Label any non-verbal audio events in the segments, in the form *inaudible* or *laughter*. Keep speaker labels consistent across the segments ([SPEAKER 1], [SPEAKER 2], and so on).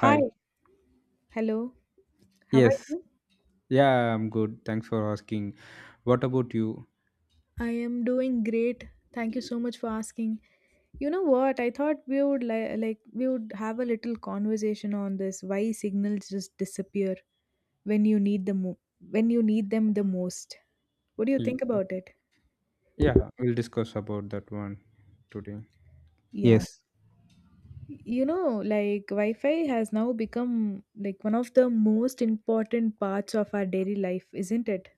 [SPEAKER 1] Hi.
[SPEAKER 2] hello. How are
[SPEAKER 1] Yes.
[SPEAKER 2] you?
[SPEAKER 1] Yeah, I'm good. Thanks for asking. What about you?
[SPEAKER 2] I am doing great. Thank you so much for asking. You know what? I thought we would have a little conversation on this why signals just disappear when you need them mo- when you need them the most. What do you
[SPEAKER 1] Y-
[SPEAKER 2] think about it?
[SPEAKER 1] Yeah, we'll discuss about that one today.
[SPEAKER 2] Yeah.
[SPEAKER 1] Yes.
[SPEAKER 2] You know, like Wi-Fi has now become like one of the most important parts of our daily life, isn't it?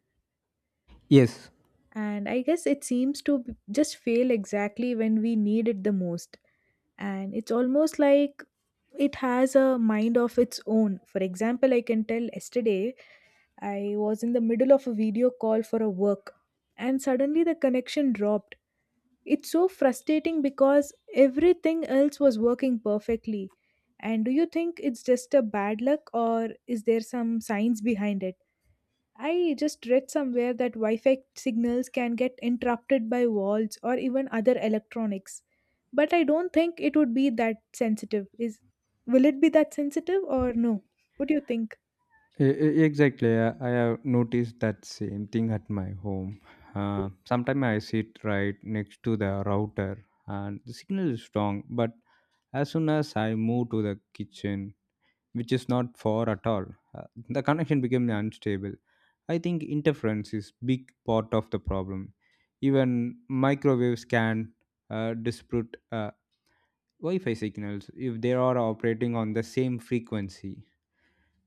[SPEAKER 1] Yes.
[SPEAKER 2] And I guess it seems to b- just fail exactly when we need it the most. And it's almost like it has a mind of its own. For example, I can tell yesterday I was in the middle of a video call for a work, and suddenly the connection dropped. It's so frustrating because everything else was working perfectly. And do you think it's just a bad luck, or is there some science behind it? I just read somewhere that Wi-Fi signals can get interrupted by walls or even other electronics, but I don't think it would be that sensitive. Is Will it be that sensitive or no? What do you think?
[SPEAKER 1] Exactly. I have noticed that same thing at my home. Sometimes I sit right next to the router and the signal is strong, but as soon as I move to the kitchen, which is not far at all. Uh, the connection became unstable. I think interference is big part of the problem. Even microwaves can dispute Wi-Fi signals if they are operating on the same frequency,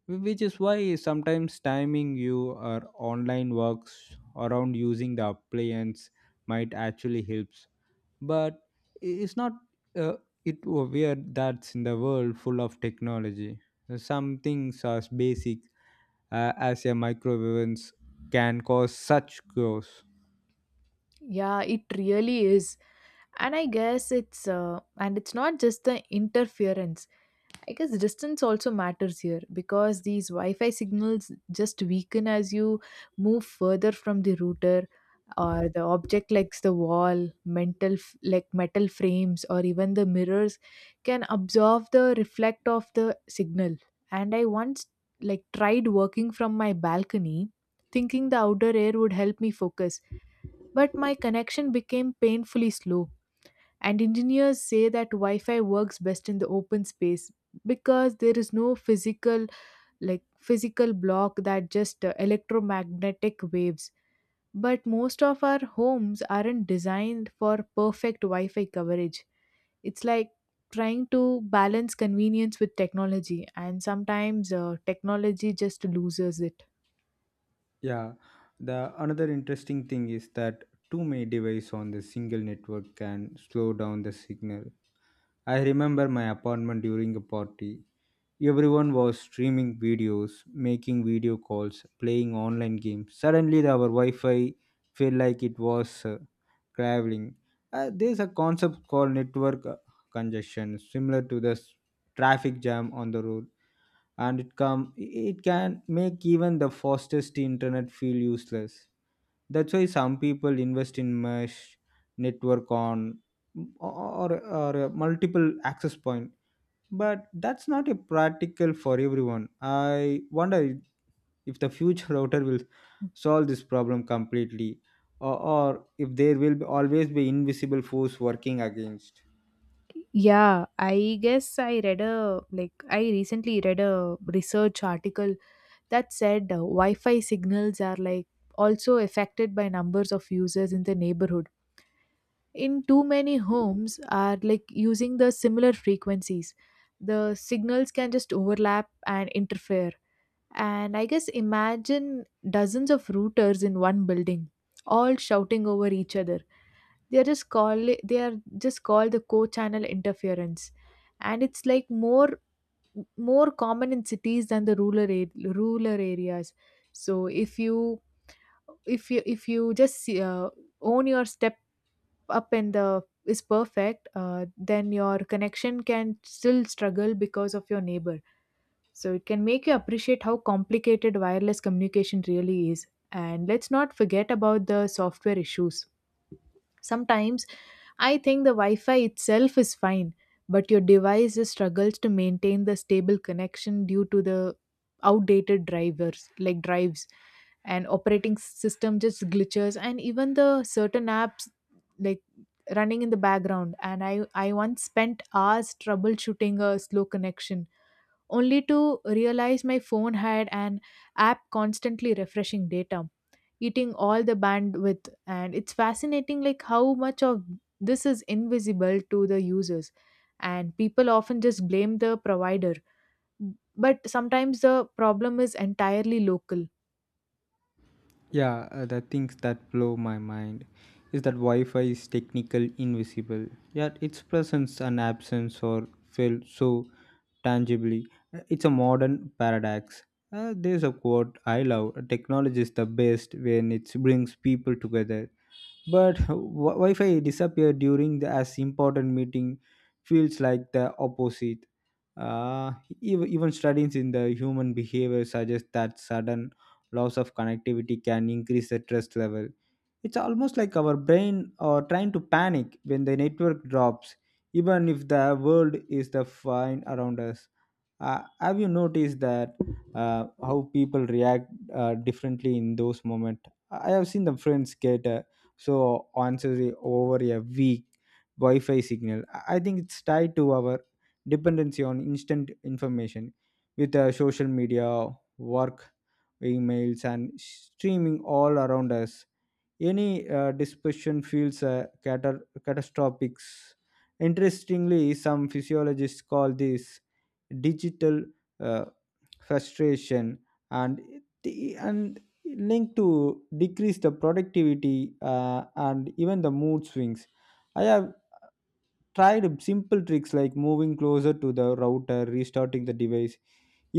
[SPEAKER 1] which is why sometimes timing you or online works around using the appliance might actually help, but it's not uh, it weird that's in the world full of technology, some things as basic as a microwave ovens can cause such chaos.
[SPEAKER 2] Yeah, it really is. And I guess it's not just the interference. I guess distance also matters here, because these Wi-Fi signals just weaken as you move further from the router, or the object like the wall, mental f- like metal frames, or even the mirrors can absorb the reflect of the signal. And I once like tried working from my balcony, thinking the outer air would help me focus, but my connection became painfully slow. And engineers say that Wi Fi works best in the open space, because there is no physical block that just electromagnetic waves. But most of our homes aren't designed for perfect Wi Fi coverage. It's like trying to balance convenience with technology, and sometimes technology just loses it.
[SPEAKER 1] Yeah, the another interesting thing is that too many devices on the single network can slow down the signal. I remember my apartment during a party. Everyone was streaming videos, making video calls, playing online games. Suddenly, our Wi Fi felt like it was traveling. There's a concept called network congestion, similar to the traffic jam on the road, and it can make even the fastest internet feel useless. That's why some people invest in mesh network on or a multiple access point, but that's not a practical for everyone. I wonder if the future *laughs* router will solve this problem completely, or if always be invisible force working against.
[SPEAKER 2] Yeah, I guess I recently read a research article that said Wi-Fi signals are like also affected by numbers of users in the neighborhood. In too many homes are like using the similar frequencies. The signals can just overlap and interfere. And I guess imagine dozens of routers in one building all shouting over each other. They are just call they are just called the co-channel interference, and it's like more common in cities than the rural areas. So if you just own your step up in the is perfect then your connection can still struggle because of your neighbor. So it can make you appreciate how complicated wireless communication really is. And let's not forget about the software issues. Sometimes I think the Wi Fi itself is fine, but your device is struggles to maintain the stable connection due to the outdated drivers, like drives, and operating system just glitches, and even the certain apps like running in the background. And I once spent hours troubleshooting a slow connection, only to realize my phone had an app constantly refreshing data, eating all the bandwidth. And it's fascinating like how much of this is invisible to the users, and people often just blame the provider, but sometimes the problem is entirely local.
[SPEAKER 1] Yeah, the things that blow my mind is that Wi-Fi is technical invisible, yet its presence and absence are felt so tangibly. It's a modern paradox. There's a quote I love: "Technology is the best when it brings people together." But Wi-Fi disappear during the as important meeting feels like the opposite. uh, Even studies in the human behavior suggest that sudden loss of connectivity can increase the stress level. It's almost like our brain are trying to panic when the network drops, even if the world is the fine around us. Have you noticed that how people react differently in those moments? I have seen the friends get so once over a week Wi-Fi signal. I think it's tied to our dependency on instant information with social media, work, emails, and streaming all around us. Any dispersion feels catastrophic. Interestingly, some physiologists call this digital uh, frustration and the- and linked to decrease the productivity, and even the mood swings. I have tried simple tricks like moving closer to the router, restarting the device,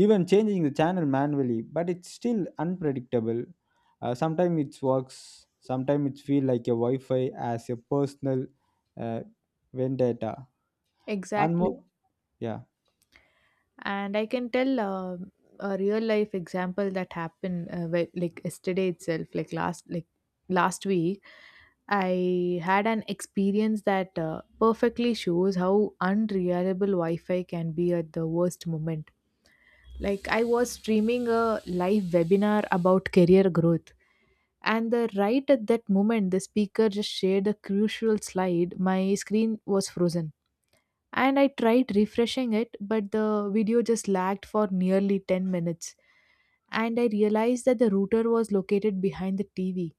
[SPEAKER 1] even changing the channel manually, but it's still unpredictable. Sometimes it works, sometimes it feels like a Wi-Fi as a personal uh, vendetta and
[SPEAKER 2] Exactly.
[SPEAKER 1] more. Yeah.
[SPEAKER 2] And I can tell a real life example that happened yesterday itself, last week. I had an experience that perfectly shows how unreliable Wi-Fi can be at the worst moment. Like I was streaming a live webinar about career growth, and the right at that moment the speaker just shared a crucial slide. My screen was frozen, and I tried refreshing it, but the video just lagged for nearly 10 minutes. And I realized that the router was located behind the TV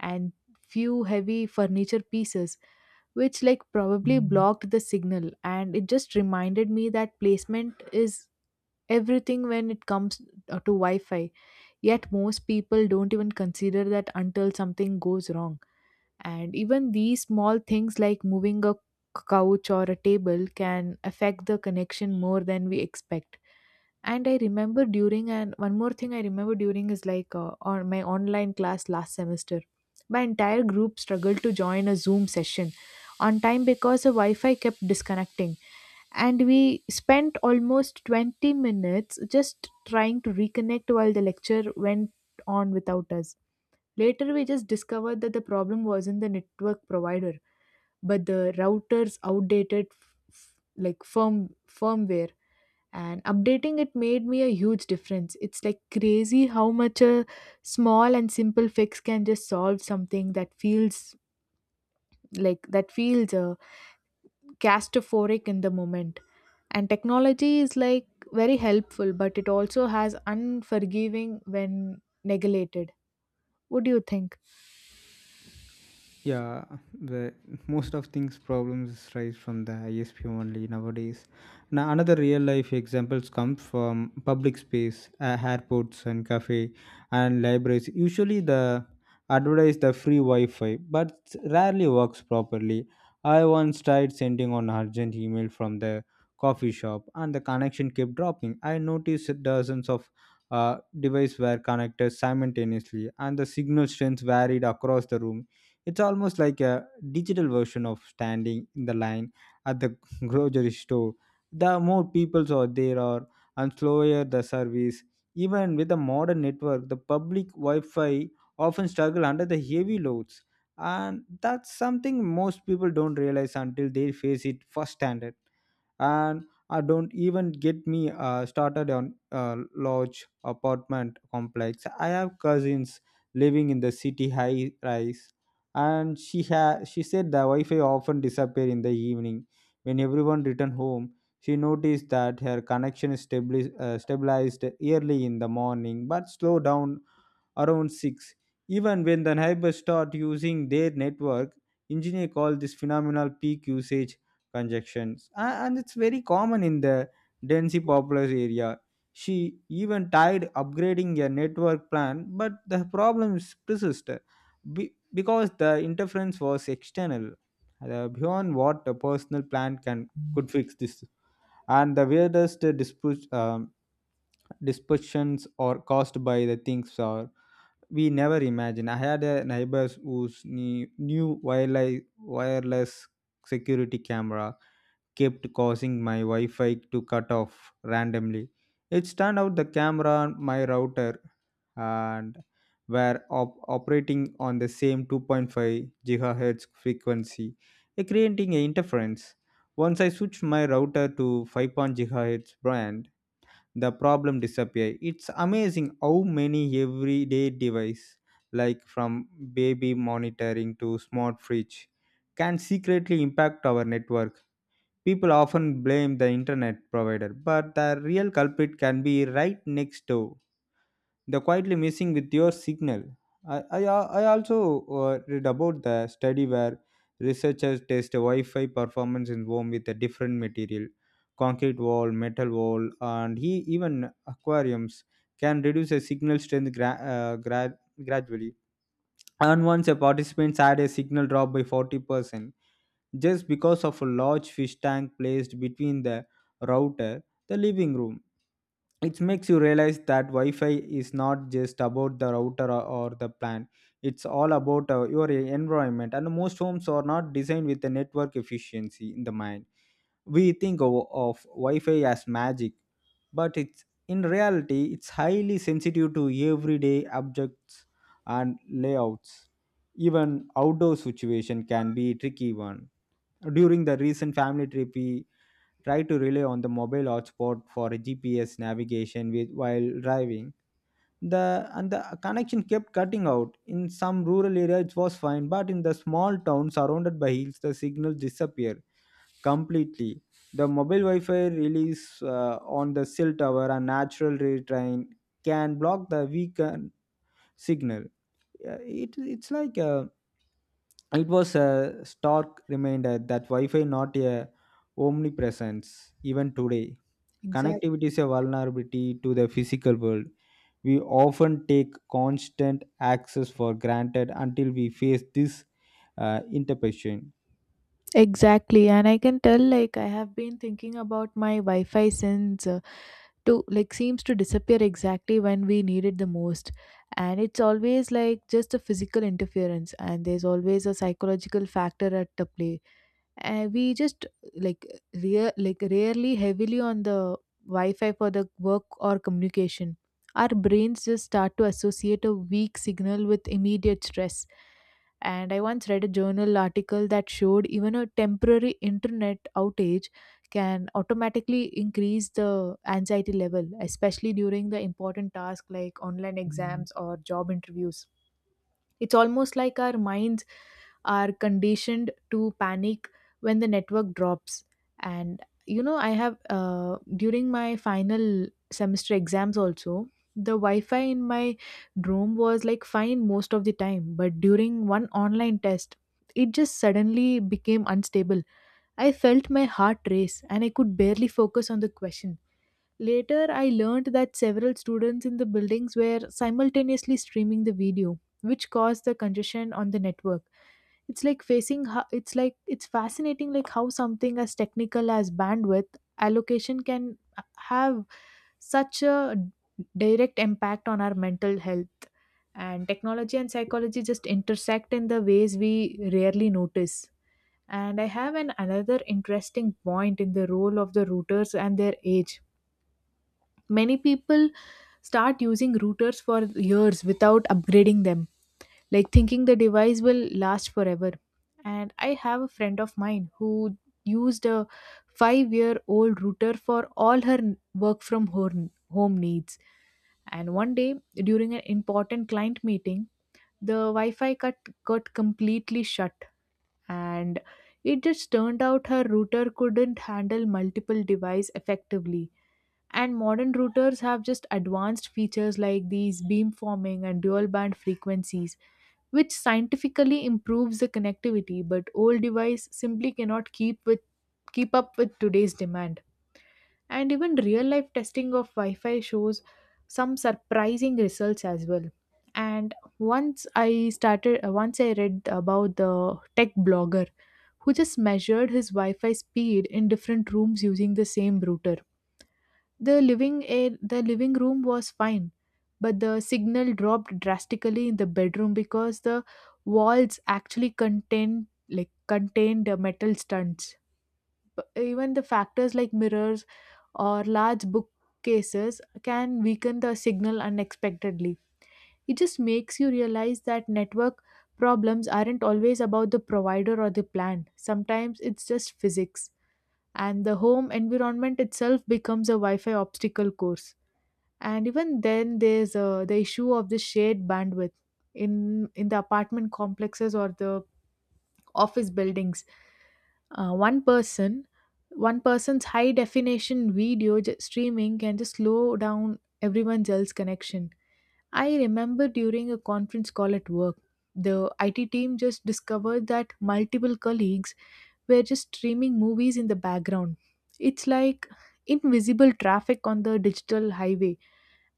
[SPEAKER 2] and few heavy furniture pieces, which like probably blocked the signal. And it just reminded me that placement is everything when it comes to Wi-Fi. Yet most people don't even consider that until something goes wrong. And even these small things like moving a couch or a table can affect the connection more than we expect. And one more thing, I remember during is like on my online class last semester my entire group struggled to join a Zoom session on time because the Wi-Fi kept disconnecting. And we spent almost 20 minutes just trying to reconnect while the lecture went on without us. Later, we just discovered that the problem wasn't the network provider, but the router's outdated firmware. And updating it made me a huge difference. It's like crazy how much a small and simple fix can just solve something that feels like that feels claustrophobic in the moment. And technology is like very helpful, but it also has unforgiving when neglected. What do you think?
[SPEAKER 1] Yeah, the most of things problems rise from the ISP only nowadays. Now another real life examples come from public space, airports and cafe and libraries. Usually the advertise the free Wi-Fi but rarely works properly. I once tried sending an urgent email from the coffee shop and the connection kept dropping. I noticed dozens of devices were connected simultaneously and the signal strength varied across the room. It's almost like a digital version of standing in the line at the *laughs* grocery store. The more people are there are and slower the service. Even with a modern network, the public Wi-Fi often struggle under the heavy loads. And that's something most people don't realize until they face it firsthand. And I don't even get me started on a large apartment complex. I have cousins living in the city high rise, and she said the Wi-Fi often disappeared in the evening when everyone returned home. She noticed that her connection is stabilized early in the morning but slowed down around 6. Even when the neighbors start using their network, engineers call this phenomenal peak usage conjunctions. And it's very common in the densely populous area. She even tried upgrading a network plan, but the problems persist because the interference was external, beyond what a personal plan can could fix this. And the weirdest dispute, dispersions are caused by the things are we never imagined. I had a neighbors who new wireless, security camera kept causing my Wi-Fi to cut off randomly. It turned out the camera on my router and were operating on the same 2.5 gigahertz frequency, creating an interference. Once I switched my router to 5.0 GHz, the problem disappear. It's amazing how many everyday device, like from baby monitoring to smart fridge, can secretly impact our network. People often blame the internet provider, but the real culprit can be right next door. They're quietly messing with your signal. I, I, I also read about the study where researchers test Wi Fi performance in home with a different material: concrete wall, metal wall, and even aquariums can reduce a signal strength gradually. And once a participant had a signal drop by 40%, just because of a large fish tank placed between the router, the living room. It makes you realize that Wi-Fi is not just about the router or the plan. It's all about your environment, and most homes are not designed with the network efficiency in the mind. We think of Wi-Fi as magic, but it's in reality it's highly sensitive to everyday objects and layouts. Even outdoor situation can be tricky one. During the recent family trip, we try to rely on the mobile hotspot for GPS navigation while driving. The And the connection kept cutting out. In some rural areas it was fine, but in the small town surrounded by hills, the signal disappeared completely. The mobile Wi-Fi release on the cell tower, and natural ray can block the weakened signal. It's like it was a stark reminder that Wi-Fi not a omnipresence even today.
[SPEAKER 2] Exactly.
[SPEAKER 1] Connectivity is a vulnerability to the physical world. We often take constant access for granted until we face this interpretation.
[SPEAKER 2] Exactly. And I can tell like I have been thinking about my Wi-Fi since to like seems to disappear exactly when we need it the most. And it's always like just a physical interference, and there's always a psychological factor at the play. We just like rarely heavily on the Wi-Fi for the work or communication. Our brains just start to associate a weak signal with immediate stress. And I once read a journal article that showed even a temporary internet outage can automatically increase the anxiety level, especially during the important tasks like online exams or job interviews. It's almost like our minds are conditioned to panic when the network drops. And you know, I have during my final semester exams also, the Wi-Fi in my room was like fine most of the time, but during one online test it just suddenly became unstable. I felt my heart race, and I could barely focus on the question. Later I learned that several students in the buildings were simultaneously streaming the video, which caused the congestion on the network. It's like facing how it's like it's fascinating like how something as technical as bandwidth allocation can have such a direct impact on our mental health. And technology and psychology just intersect in the ways we rarely notice. And I have an another interesting point in the role of the routers and their age. Many people start using routers for years without upgrading them, like thinking the device will last forever. And I have a friend of mine who used a 5-year old router for all work from home needs. And one day during an important client meeting, the Wi Fi cut got completely shut. And it just turned out her router couldn't handle multiple devices effectively. And modern routers have just advanced features like these beamforming and dual band frequencies, which scientifically improves the connectivity, but old device simply cannot keep up with today's demand. And even real life testing of Wi-Fi shows some surprising results as well. And once I read about the tech blogger who just measured his Wi-Fi speed in different rooms using the same router. The living room was fine, but the signal dropped drastically in the bedroom because the walls actually contained metal stunts. But even the factors like mirrors or large bookcases can weaken the signal unexpectedly. It just makes you realize that network problems aren't always about the provider or the plan. Sometimes it's just physics, and the home environment itself becomes a Wi Fi obstacle course. And even then there's the issue of the shared bandwidth in the apartment complexes or the office buildings. uh, one person One person's high definition streaming can just slow down everyone else's connection. I remember during a conference call at work, the IT team just discovered that multiple colleagues were just streaming movies in the background. It's like invisible traffic on the digital highway.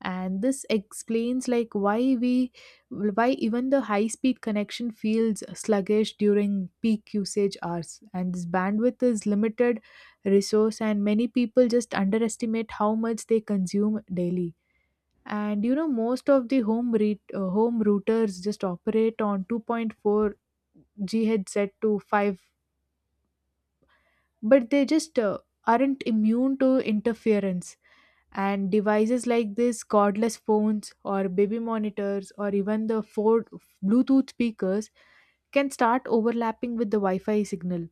[SPEAKER 2] And this explains like why even the high speed connection feels sluggish during peak usage hours. And this bandwidth is limited resource, and many people just underestimate how much they consume daily. And you know, most of the home routers just operate on 2.4 GHz set to 5, but they just aren't immune to interference. And devices like this, cordless phones or baby monitors, or even the four Bluetooth speakers can start overlapping with the Wi-Fi signal.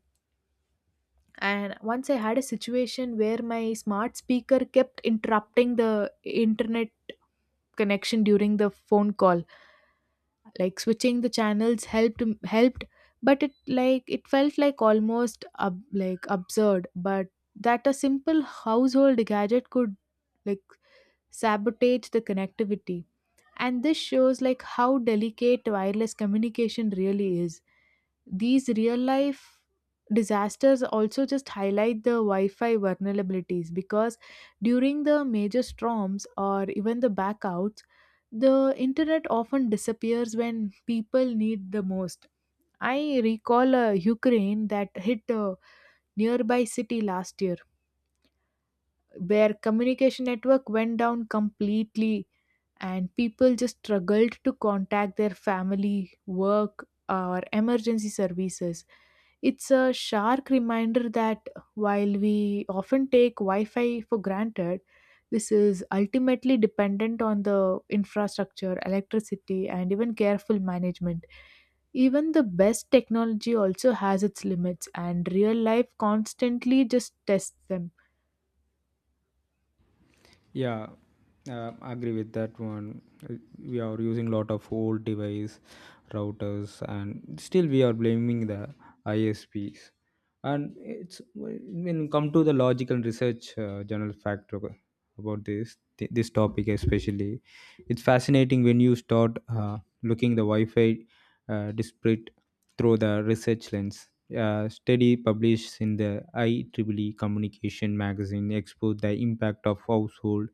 [SPEAKER 2] And once I had a situation where my smart speaker kept interrupting the internet connection during the phone call, like switching the channels helped, but it felt like absurd but that a simple household gadget could like sabotage the connectivity. And this shows like how delicate wireless communication really is. These real life disasters also just highlight the Wi-Fi vulnerabilities, because during the major storms or even the backouts, the internet often disappears when people need the most. I recall Ukraine that hit a nearby city last year, where communication network went down completely and people just struggled to contact their family, work, or emergency services. It's a sharp reminder that while we often take Wi-Fi for granted, this is ultimately dependent on the infrastructure, electricity, and even careful management. Even the best technology also has its limits, and real life constantly just tests them.
[SPEAKER 1] Yeah, I agree with that one. Uh, We are using lot of old device routers, and still we are blaming the ISPs. And it's when you come to the logical research general factor about this topic especially. It's fascinating when you start looking the Wi-Fi disparate through the research lens. A study published in the IEEE Communication magazine exposed the impact of household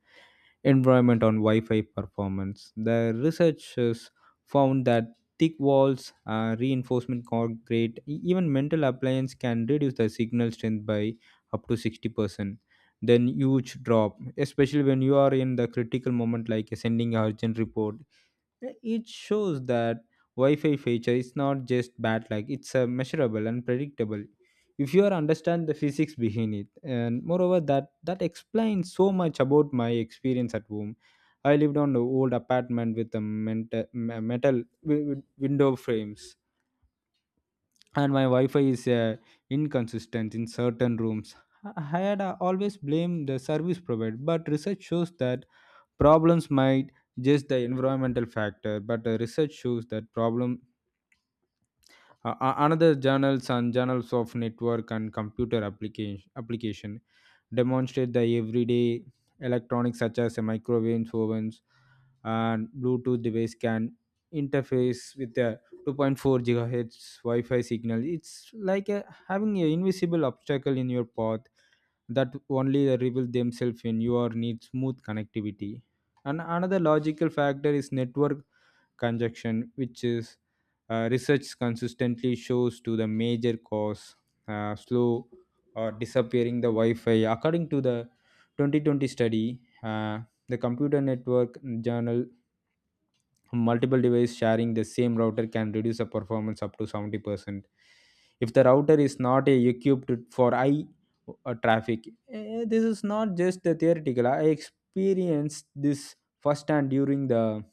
[SPEAKER 1] environment on Wi-Fi performance. The researchers found that thick walls, reinforcement concrete, even metal appliance can reduce the signal strength by up to 60%. Then huge drop, especially when you are in the critical moment like sending a urgent report. Yeah, it shows that Wi-Fi feature is not just bad luck; it's a measurable and predictable, if you are understand the physics behind it. And moreover, that explains so much about my experience at home. I lived on an old apartment with a metal window frames, and my Wi-Fi is inconsistent in certain rooms. I I had always blamed the service provider, but research shows that problems might just the environmental factor. But research shows that problem, another journals of network and computer application demonstrate the everyday electronics such as a microwave ovens and bluetooth device can interface with the 2.4 gigahertz Wi-Fi signal. It's like having an invisible obstacle in your path that only reveal themselves when you are need smooth connectivity. And another logical factor is network conjunction, which is, research consistently shows to the major cause, slow or disappearing the Wi-Fi. According to the 2020 study, the Computer Network Journal, multiple devices sharing the same router can reduce the performance up to 70% if the router is not equipped for high traffic. This is not just the theoretical. I experienced this firsthand during the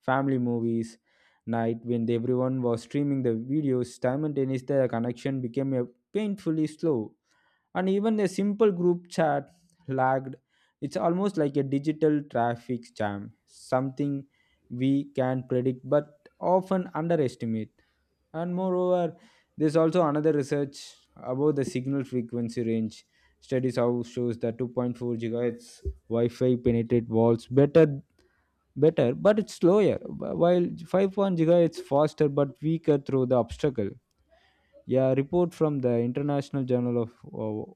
[SPEAKER 1] family movies night when everyone was streaming the videos simultaneously. The connection became painfully slow, and even a simple group chat lagged. It's almost like a digital traffic jam, something we can predict but often underestimate. And moreover, there's also another research about the signal frequency range. Studies how shows that 2.4 gigahertz Wi-Fi penetrate walls better, but it's slower, while 5.1 gigahertz faster but weaker through the obstacle. Yeah, report from the International Journal of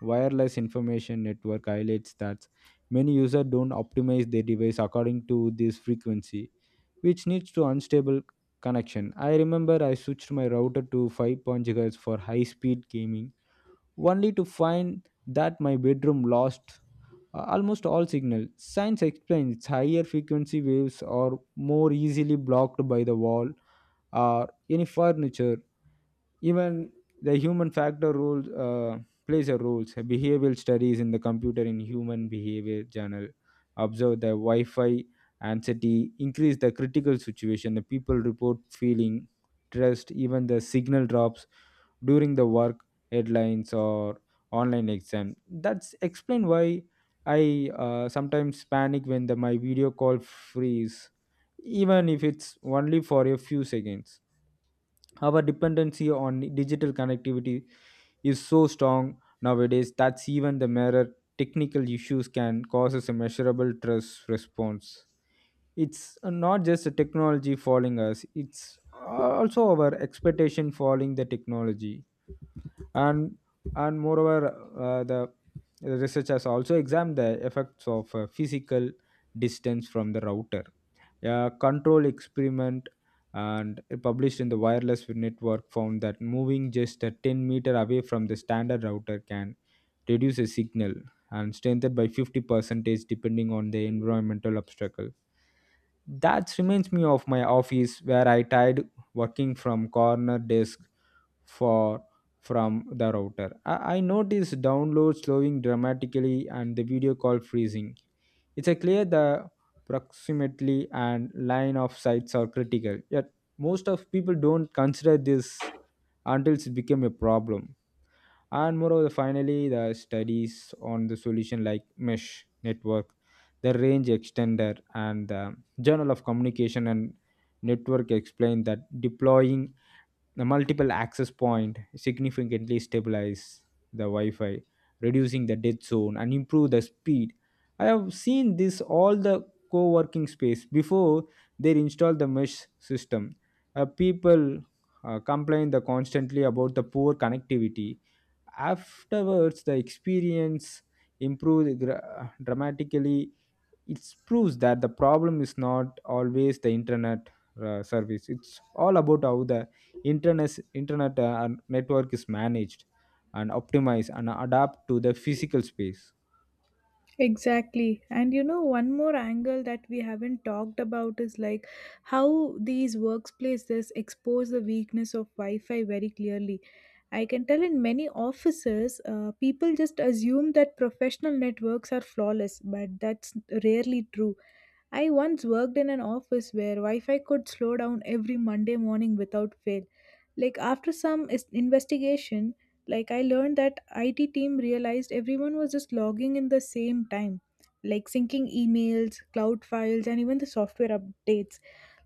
[SPEAKER 1] Wireless Information Network highlights that many users don't optimize their device according to this frequency, which leads to unstable connection. I remember I switched my router to 5.0 GHz for high-speed gaming, only to find that my bedroom lost almost all signal. Science explains higher frequency waves are more easily blocked by the wall or any furniture. Even the human factor role plays a role. So behavioral studies in the computer in human behavior journal observe the Wi-Fi anxiety increase the critical situation. The people report feeling stressed, even the signal drops during the work headlines or online exam. That's explain why I sometimes panic when the my video call freeze, even if it's only for a few seconds. Our dependency on digital connectivity is so strong nowadays that even the mirror technical issues can cause us a measurable stress response. It's not just the technology following us, it's also our expectation following the technology. And and moreover, the research has also examined the effects of physical distance from the router. A control experiment and it published in the wireless network found that moving just a 10 meter away from the standard router can reduce a signal and strengthen by 50 percentage depending on the environmental obstacle. That reminds me of my office where I tried working from corner desk for from the router. I noticed download slowing dramatically and the video call freezing. It's a clear the proximately and line of sights are critical. Yet most of people don't consider this until it became a problem. And moreover, finally, the studies on the solution like mesh network, the range extender, and the Journal of Communication and Network explain that deploying the multiple access point significantly stabilize the Wi-Fi, reducing the dead zone and improve the speed. I have seen this all the co-working space before they install the mesh system. People complain the constantly about the poor connectivity. Afterwards, the experience improved dramatically. It proves that the problem is not always the internet service. It's all about how the internet network is managed and optimized and adapt to the physical space.
[SPEAKER 2] Exactly. And you know, one more angle that we haven't talked about is like how these workplaces expose the weakness of Wi Fi very clearly. I can tell in many offices, people just assume that professional networks are flawless, but that's rarely true. I once worked in an office where Wi Fi could slow down every Monday morning without fail. Like, after investigation, like I learned that IT team realized everyone was just logging in the same time, like syncing emails, cloud files, and even the software updates.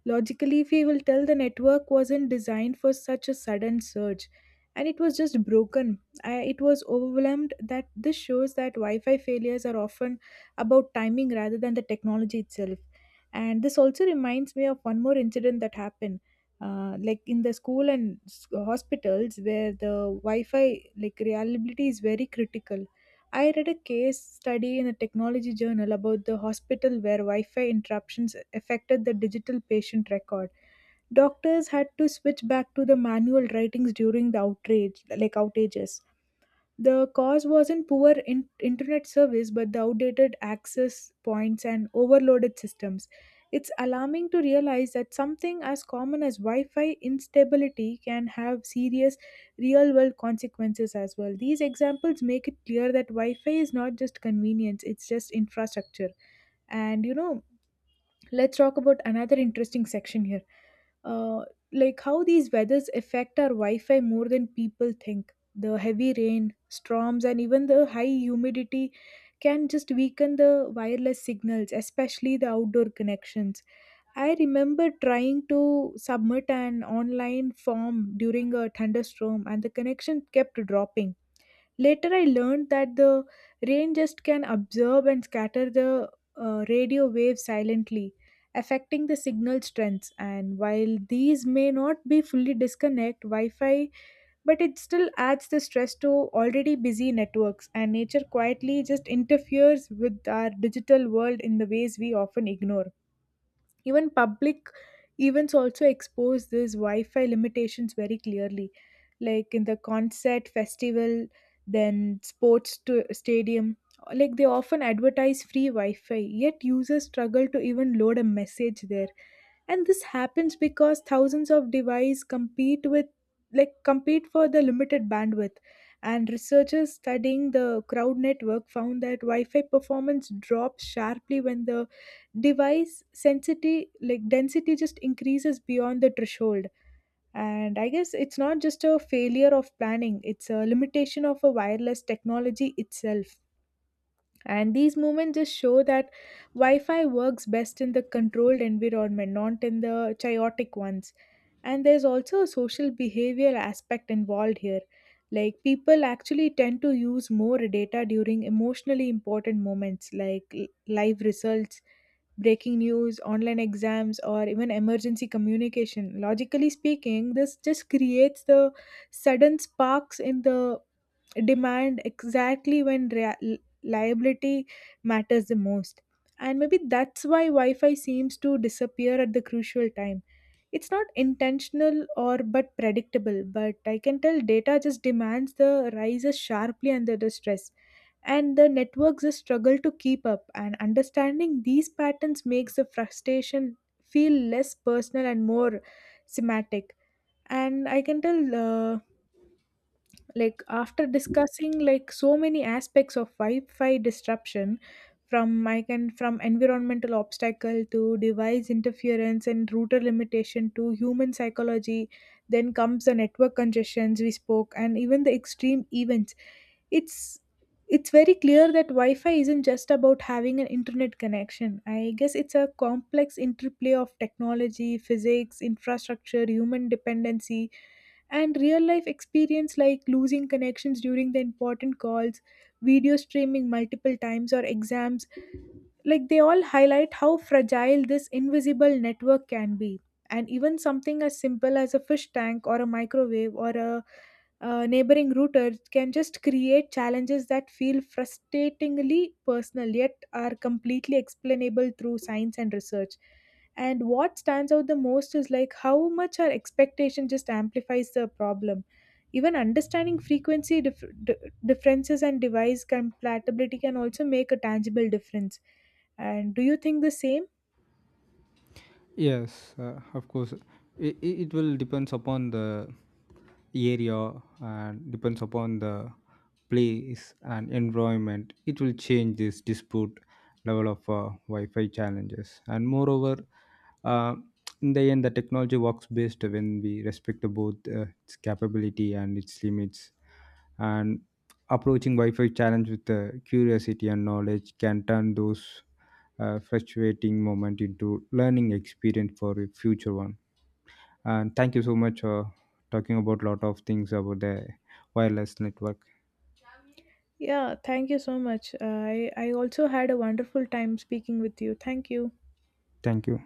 [SPEAKER 2] Logically, we will tell the network wasn't designed for such a sudden surge and it was just broken. I, it was overwhelmed, that this shows that Wi Fi failures are often about timing rather than the technology itself. And this also reminds me of one more incident that happened. Like in the school and hospitals where the Wi-Fi like reliability is very critical. I read a case study in a technology journal about the hospital where Wi Fi interruptions affected the digital patient record. Doctors had to switch back to the manual writings during the outrage, like outages. The cause wasn't internet service but the outdated access points and overloaded systems. It's alarming to realize that something as common as Wi Fi instability can have serious real world consequences as well. These examples make it clear that Wi Fi is not just convenience, it's just infrastructure. And you know, let's talk about another interesting section here, uh, like how these weathers affect our Wi-Fi more than people think. The heavy rain storms and even the high humidity can just weaken the wireless signals, especially the outdoor connections. I remember trying to submit an online form during a thunderstorm and the connection kept dropping. Later, I learned that the rain just can absorb and scatter the radio waves silently, affecting the signal strengths. And while these may not be fully disconnect Wi Fi, but it still adds the stress to already busy networks. And nature quietly just interferes with our digital world in the ways we often ignore. Even public events also expose these Wi-Fi limitations very clearly, like in the concert festival, then sports to stadium. Like they often advertise free Wi-Fi, yet users struggle to even load a message there. And this happens because thousands of devices compete with, compete for the limited bandwidth. And researchers studying the crowd network found that Wi-Fi performance drops sharply when the device sensitivity, like density, just increases beyond the threshold. And I guess it's not just a failure of planning, it's a limitation of a wireless technology itself. And these moments just show that Wi Fi works best in the controlled environment, not in the chaotic ones. And there's also a social behavioral aspect involved here. Like people actually tend to use more data during emotionally important moments like live results, breaking news, online exams, or even emergency communication. Logically speaking, this just creates the sudden sparks in the demand exactly when liability matters the most. And maybe that's why Wi Fi seems to disappear at the crucial time. It's not intentional or but predictable, but I can tell data just demands the rises sharply under the stress. And the networks just struggle to keep up, and understanding these patterns makes the frustration feel less personal and more semantic. And I can tell like after discussing like so many aspects of Wi-Fi disruption, from I can from environmental obstacle to device interference and router limitation to human psychology, then comes the network congestions we spoke and even the extreme events. It's it's very clear that Wi-Fi isn't just about having an internet connection. I guess it's a complex interplay of technology, physics, infrastructure, human dependency, and real life experience. Like losing connections during the important calls, video streaming multiple times, or exams, like they all highlight how fragile this invisible network can be. And even something as simple as a fish tank or a microwave or a, neighboring router can just create challenges that feel frustratingly personal yet are completely explainable through science and research. And what stands out the most is like how much our expectation just amplifies the problem. Even understanding differences and device compatibility can also make a tangible difference. And do you think the same?
[SPEAKER 1] Yes, of course. It will depends upon the area and depends upon the place and environment. It will change this dispute level of Wi-Fi challenges. And moreover, uh, in the end, the technology works best when we respect both its capability and its limits. And approaching Wi-Fi challenge with curiosity and knowledge can turn those frustrating moment into learning experience for a future one. And thank you so much for talking about lot of things about the wireless network.
[SPEAKER 2] Yeah, thank you so much. I also had a wonderful time speaking with you. Thank you.
[SPEAKER 1] Thank you.